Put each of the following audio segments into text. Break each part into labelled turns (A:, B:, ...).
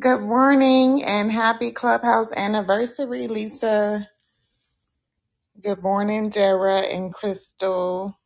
A: Good morning and happy clubhouse anniversary, Lisa. Good morning, Dara and Crystal.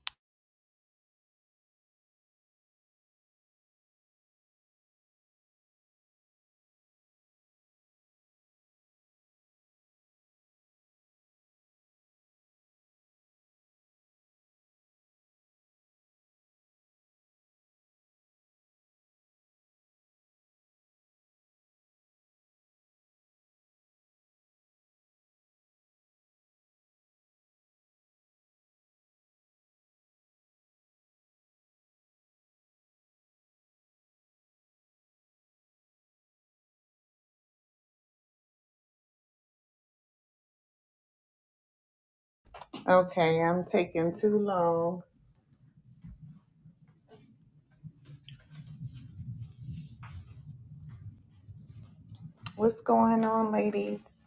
A: Okay, I'm taking too long. What's going on, ladies?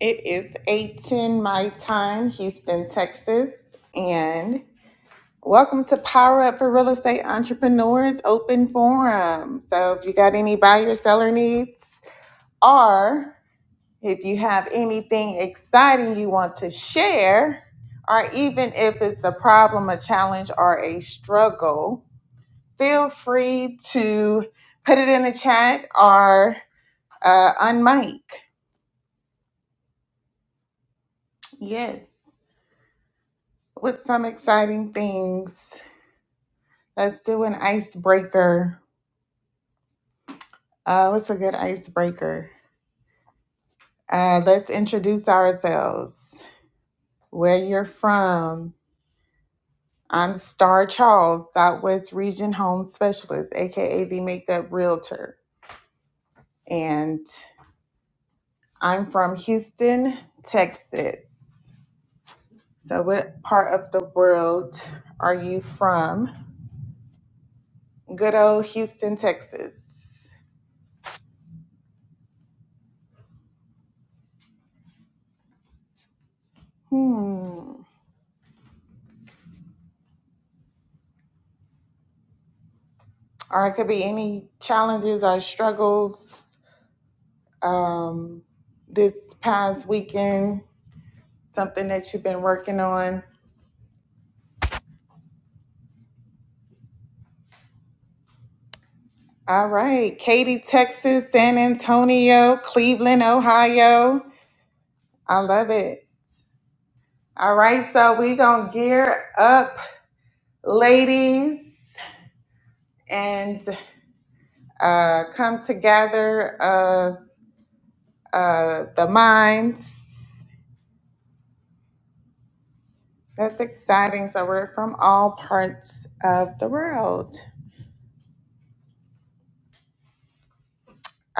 A: It is 8:10 my time, Houston, Texas, and welcome to Power Up for Real Estate Entrepreneurs Open Forum. So, if you got any buyer seller needs, or If you have anything exciting you want to share, or even if it's a problem, a challenge, or a struggle, feel free to put it in the chat or uh, on Yes, with some exciting things. Let's do an icebreaker. Uh, what's a good icebreaker? Uh, let's introduce ourselves, where you're from, I'm Star Charles, Southwest Region Home Specialist, aka the Makeup Realtor, and I'm from Houston, Texas. So, what part of the world are you from? Good old Houston, Texas. Hmm. Or it could be any challenges or struggles um, this past weekend, something that you've been working on All right. Katy, Texas, San Antonio, Cleveland, Ohio. I love it. All right. So we going to gear up, ladies, and uh, come together of uh, the minds. That's exciting. So we're from all parts of the world.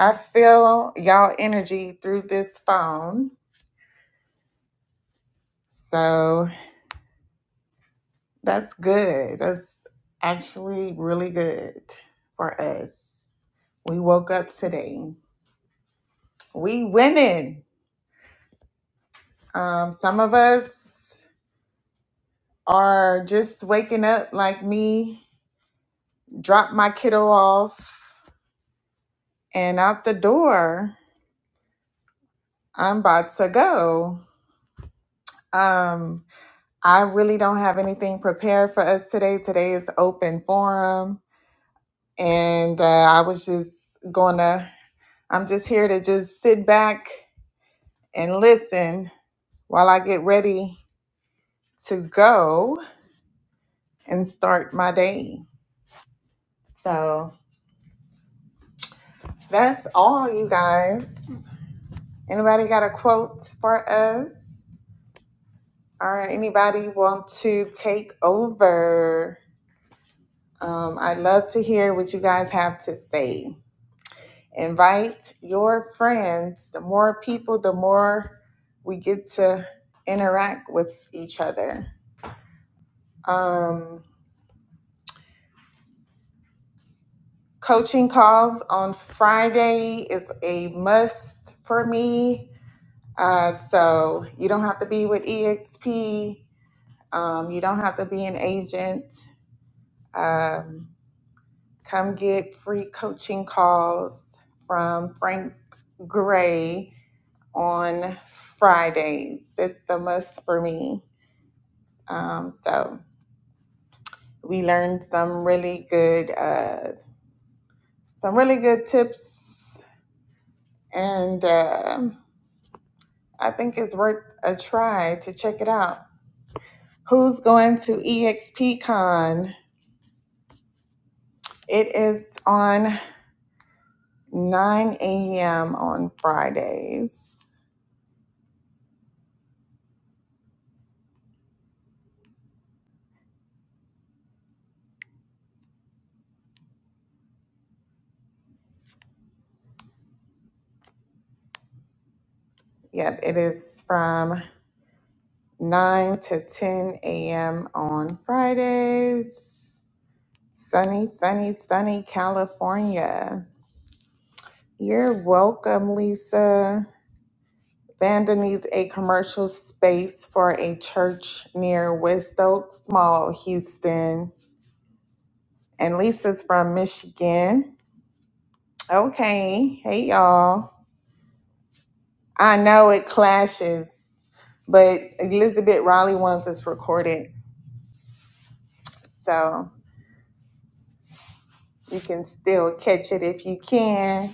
A: I feel y'all energy through this phone. So that's good. That's actually really good for us. We woke up today. We winning. Um, some of us are just waking up like me, drop my kiddo off and out the door. I'm about to go. Um, I really don't have anything prepared for us today. Today is open forum, and uh, I was just gonna, I'm just here to just sit back and listen while I get ready to go and start my day. So that's all, you guys. Anybody got a quote for us? Or anybody want to take over? Um, I'd love to hear what you guys have to say. Invite your friends. The more people, the more we get to interact with each other. Um, coaching calls on Friday is a must for me. Uh, so you don't have to be with EXP Um, you don't have to be an agent. Um, come get free coaching calls from Frank Gray on Fridays. That's the must for me. Um, so we learned some really good, uh, some really good tips, and um I think it's worth a try to check it out. Who's going to EXPCon? It is on. 9 a.m. on Fridays. Yep, it is from 9 to 10 a.m. on Fridays. Sunny, sunny, sunny California. You're welcome, Lisa. Vanda needs a commercial space for a church near West Oaks Mall, Houston. And Lisa's from Michigan. Okay. Hey, y'all. I know it clashes, but Elizabeth Raleigh wants us recorded, so you can still catch it if you can.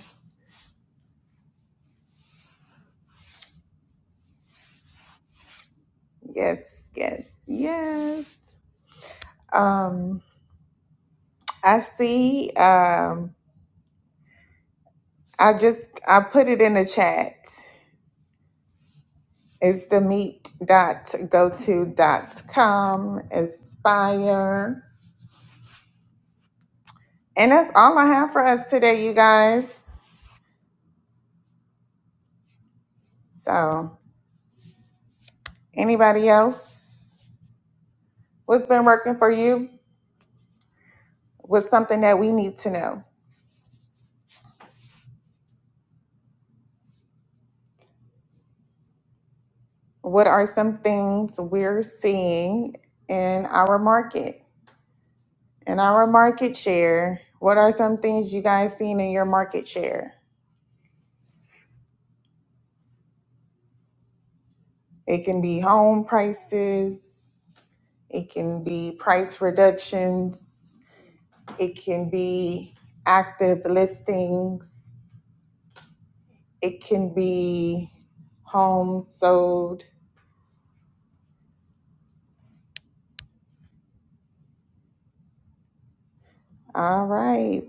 A: Yes, yes, yes. Um, I see. Um, I just I put it in the chat. It's the meet dot go to dot com. Aspire. And that's all I have for us today, you guys. So anybody else? What's been working for you? Was something that we need to know. What are some things we're seeing in our market, in our market share? What are some things you guys seeing in your market share? It can be home prices, it can be price reductions, it can be active listings, it can be homes sold. All right.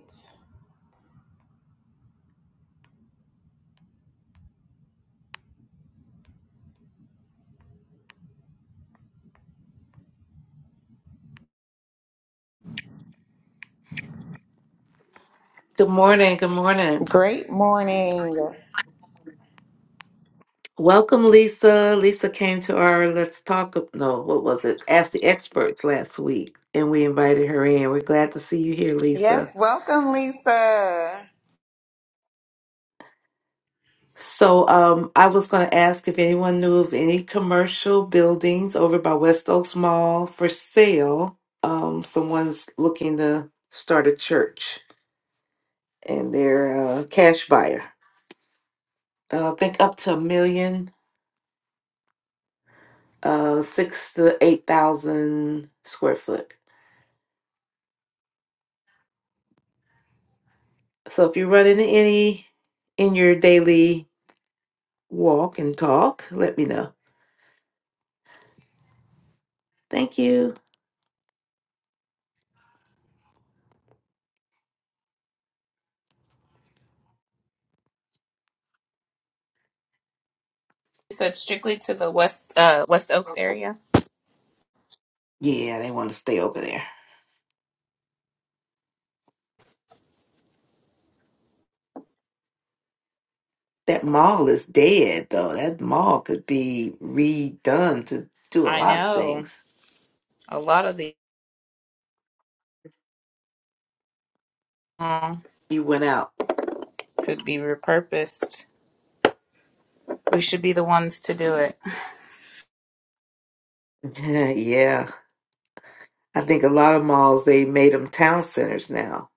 B: Good morning. Good morning.
A: Great morning.
B: Welcome, Lisa. Lisa came to our Let's Talk. No, what was it? Ask the Experts last week, and we invited her in. We're glad to see you here, Lisa.
A: Yes, welcome, Lisa.
B: So, um, I was going to ask if anyone knew of any commercial buildings over by West Oaks Mall for sale. Um, someone's looking to start a church, and they're a cash buyer. Uh, I think up to a million, uh, six to eight thousand square foot. So if you run into any in your daily walk and talk, let me know. Thank you.
C: said strictly to the West uh, West Oaks area.
B: Yeah, they want to stay over there. That mall is dead though. That mall could be redone to do a
C: I
B: lot of
C: know
B: things.
C: a lot of the uh,
B: You went out.
C: could be repurposed. We should be the ones to do it.
B: yeah. I think a lot of malls they made them town centers now.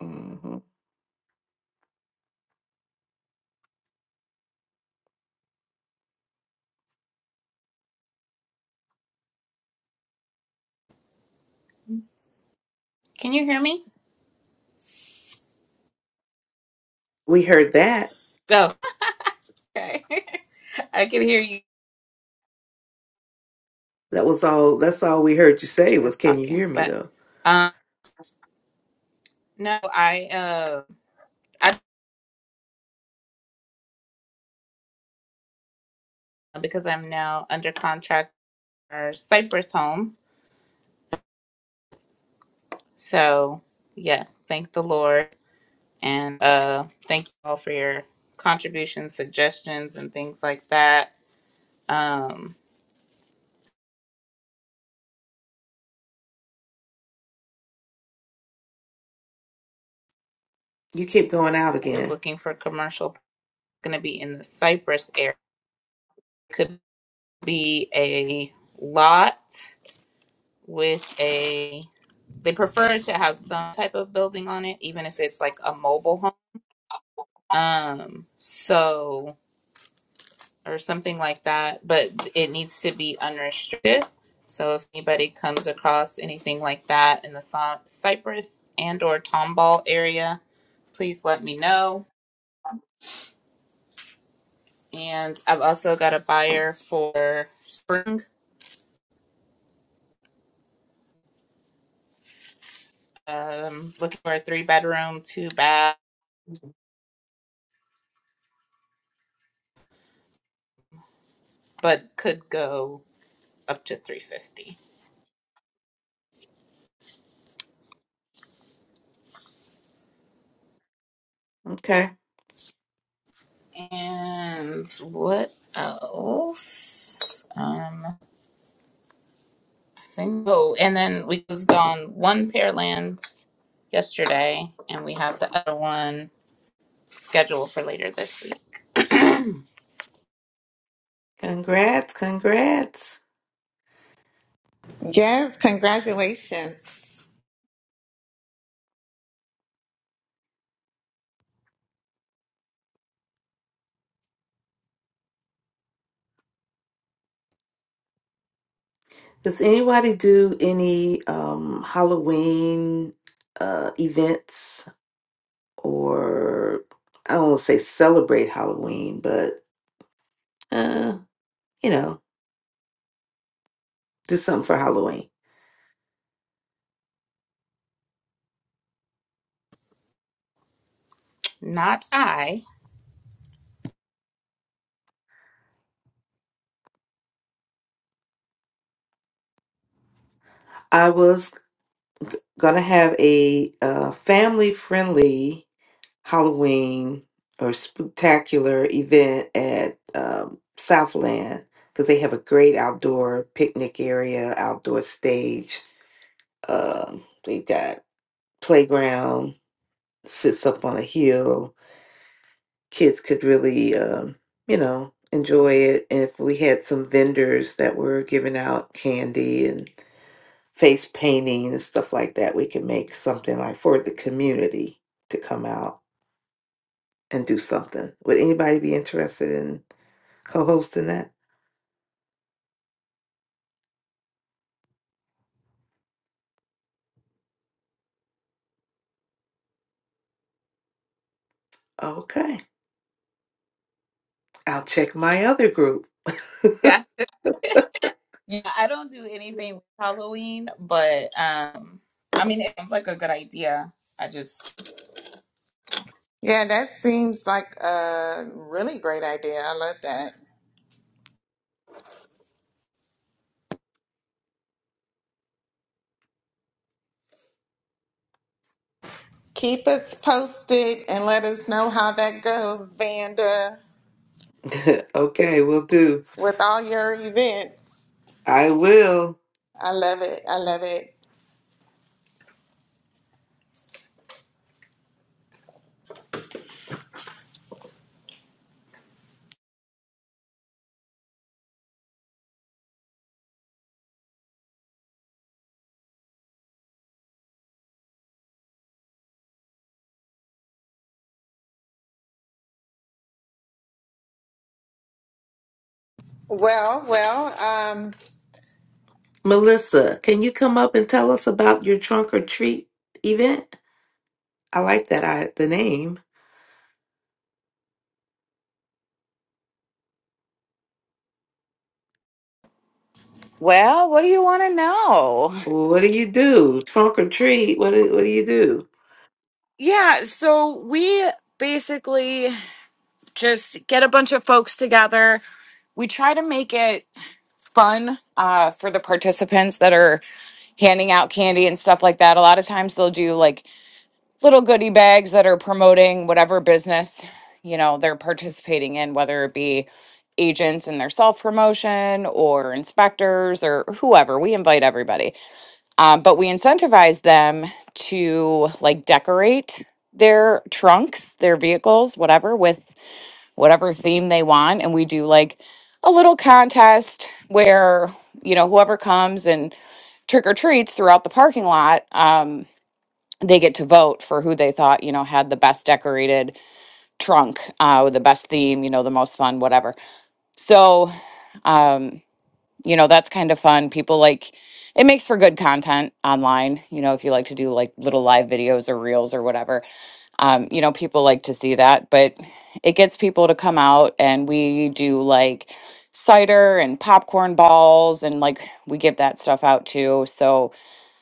B: hmm
C: Can you hear me?
B: We heard that.
C: Oh, okay. I can hear you
B: That was all. That's all we heard you say
C: just
B: was, "Can you
C: talking,
B: hear me?"
C: but
B: Though
C: um, no, I uh, I because I'm now under contract for Cypress Home. So yes, thank the Lord, and uh, thank you all for your contributions, suggestions, and things like that. Um,
B: you keep going out
C: is
B: again.
C: looking for commercial going to be in the Cypress area. Could be a lot with a they prefer to have some type of building on it even if it's like a mobile home. Um so or something like that, but it needs to be unrestricted. So if anybody comes across anything like that in the Cy- Cypress and or Tomball area, please let me know. And I've also got a buyer for Spring um looking for a three bedroom two bath but could go up to 350
B: Okay.
C: and what else um I think oh and then we closed on one pair of lands yesterday and we have the other one scheduled for later this week
B: Congrats. Congrats.
A: Yes, congratulations.
B: Does anybody do any um Halloween uh events or I don't want to say celebrate Halloween, but uh, you know, do something for Halloween.
C: not i
B: I was gonna have a uh, family-friendly Halloween or spectacular event at um, Southland because they have a great outdoor picnic area, outdoor stage. Um, they've got playground, sits up on a hill. Kids could really, um, you know, enjoy it. And if we had some vendors that were giving out candy and. face painting and stuff like that. We can make something like for the community to come out and do something. Would anybody be interested in co hosting that? Okay. I'll check my other group.
C: yeah yeah i don't do anything with halloween but um i mean it sounds like a good idea i just
A: Yeah, that seems like a really great idea. I love that. Keep us posted and let us know how that goes, Vanda,
B: okay, we'll do.
A: with all your events.
B: I will.
A: I love it. I love it. Well, well, um,
B: Melissa, can you come up and tell us about your trunk or treat event? I like that I the name.
D: Well, what do you want to know?
B: What do you do? Trunk or treat? What do, what do you do?
D: Yeah, so we basically just get a bunch of folks together. We try to make it fun uh, for the participants that are handing out candy and stuff like that. A lot of times they'll do like little goodie bags that are promoting whatever business, you know, they're participating in, whether it be agents and their self promotion or inspectors or whoever. We invite everybody. um, but we incentivize them to like decorate their trunks their vehicles whatever with whatever theme they want and we do like a little contest where you know whoever comes and trick or treats throughout the parking lot um, they get to vote for who they thought you know had the best decorated trunk uh, with the best theme you know the most fun whatever so um, you know that's kind of fun people like it makes for good content online you know if you like to do like little live videos or reels or whatever um you know people like to see that but it gets people to come out and we do like cider and popcorn balls and like we give that stuff out too so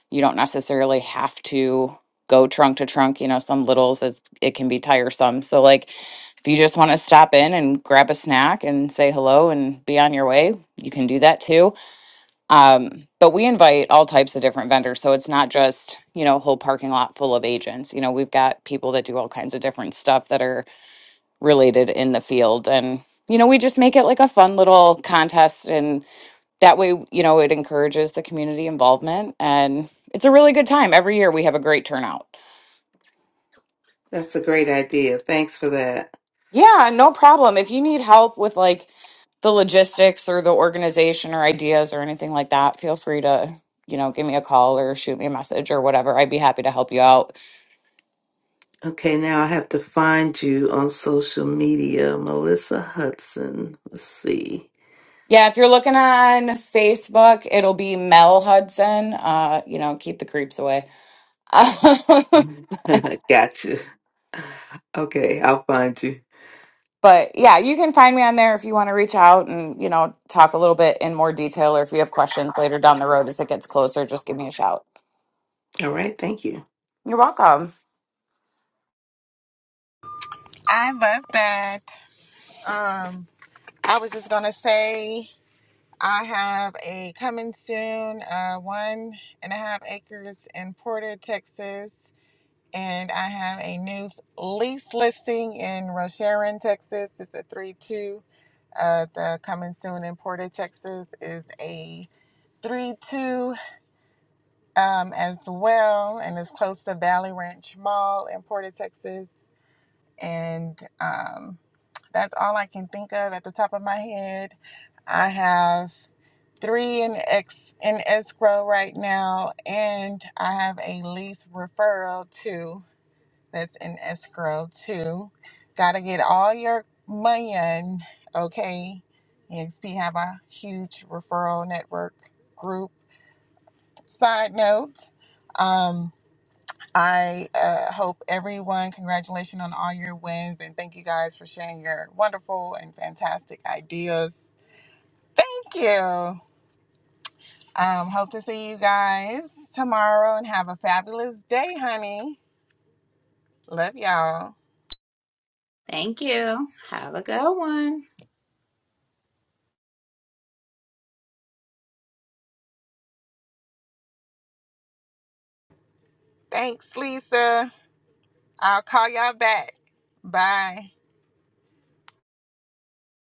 D: you don't necessarily have to go trunk to trunk you know some littles it's, it can be tiresome so like if you just want to stop in and grab a snack and say hello and be on your way you can do that too um, but we invite all types of different vendors. So it's not just, you know, a whole parking lot full of agents. You know, we've got people that do all kinds of different stuff that are related in the field. And, you know, we just make it like a fun little contest. And that way, you know, it encourages the community involvement. And it's a really good time. Every year we have a great turnout.
B: That's a great idea. Thanks for that.
D: Yeah, no problem. If you need help with like the logistics or the organization or ideas or anything like that, feel free to, you know, give me a call or shoot me a message or whatever. I'd be happy to help you out.
B: Okay, now I have to find you on social media, Melissa Hudson. Let's see.
D: Yeah, if you're looking on Facebook, it'll be Mel Hudson. Uh, you know, keep the creeps away.
B: Gotcha. Okay, I'll find you.
D: But yeah, you can find me on there if you want to reach out and, you know, talk a little bit in more detail or if you have questions later down the road as it gets closer, just give me a shout.
B: All right, thank you.
D: You're welcome.
A: I love that. Um, I was just gonna say I have a coming soon, uh, one and a half acres in Porter, Texas. and I have a new lease listing in Rocheron, Texas. It's a 3 2. Uh, the coming soon in Porter, Texas is a 3 2 um, as well, and it's close to Valley Ranch Mall in Porter, Texas. And um, that's all I can think of at the top of my head. I have three in ex in escrow right now, and I have a lease referral too that's in escrow too. Gotta get all your money in, okay? EXP have a huge referral network group. Side note, um, I uh, hope everyone, congratulations on all your wins and thank you guys for sharing your wonderful and fantastic ideas. Thank you. Um, hope to see you guys tomorrow and have a fabulous day, honey. Love y'all.
C: thank you have a good one
A: Thanks, Lisa. I'll call y'all back. Bye.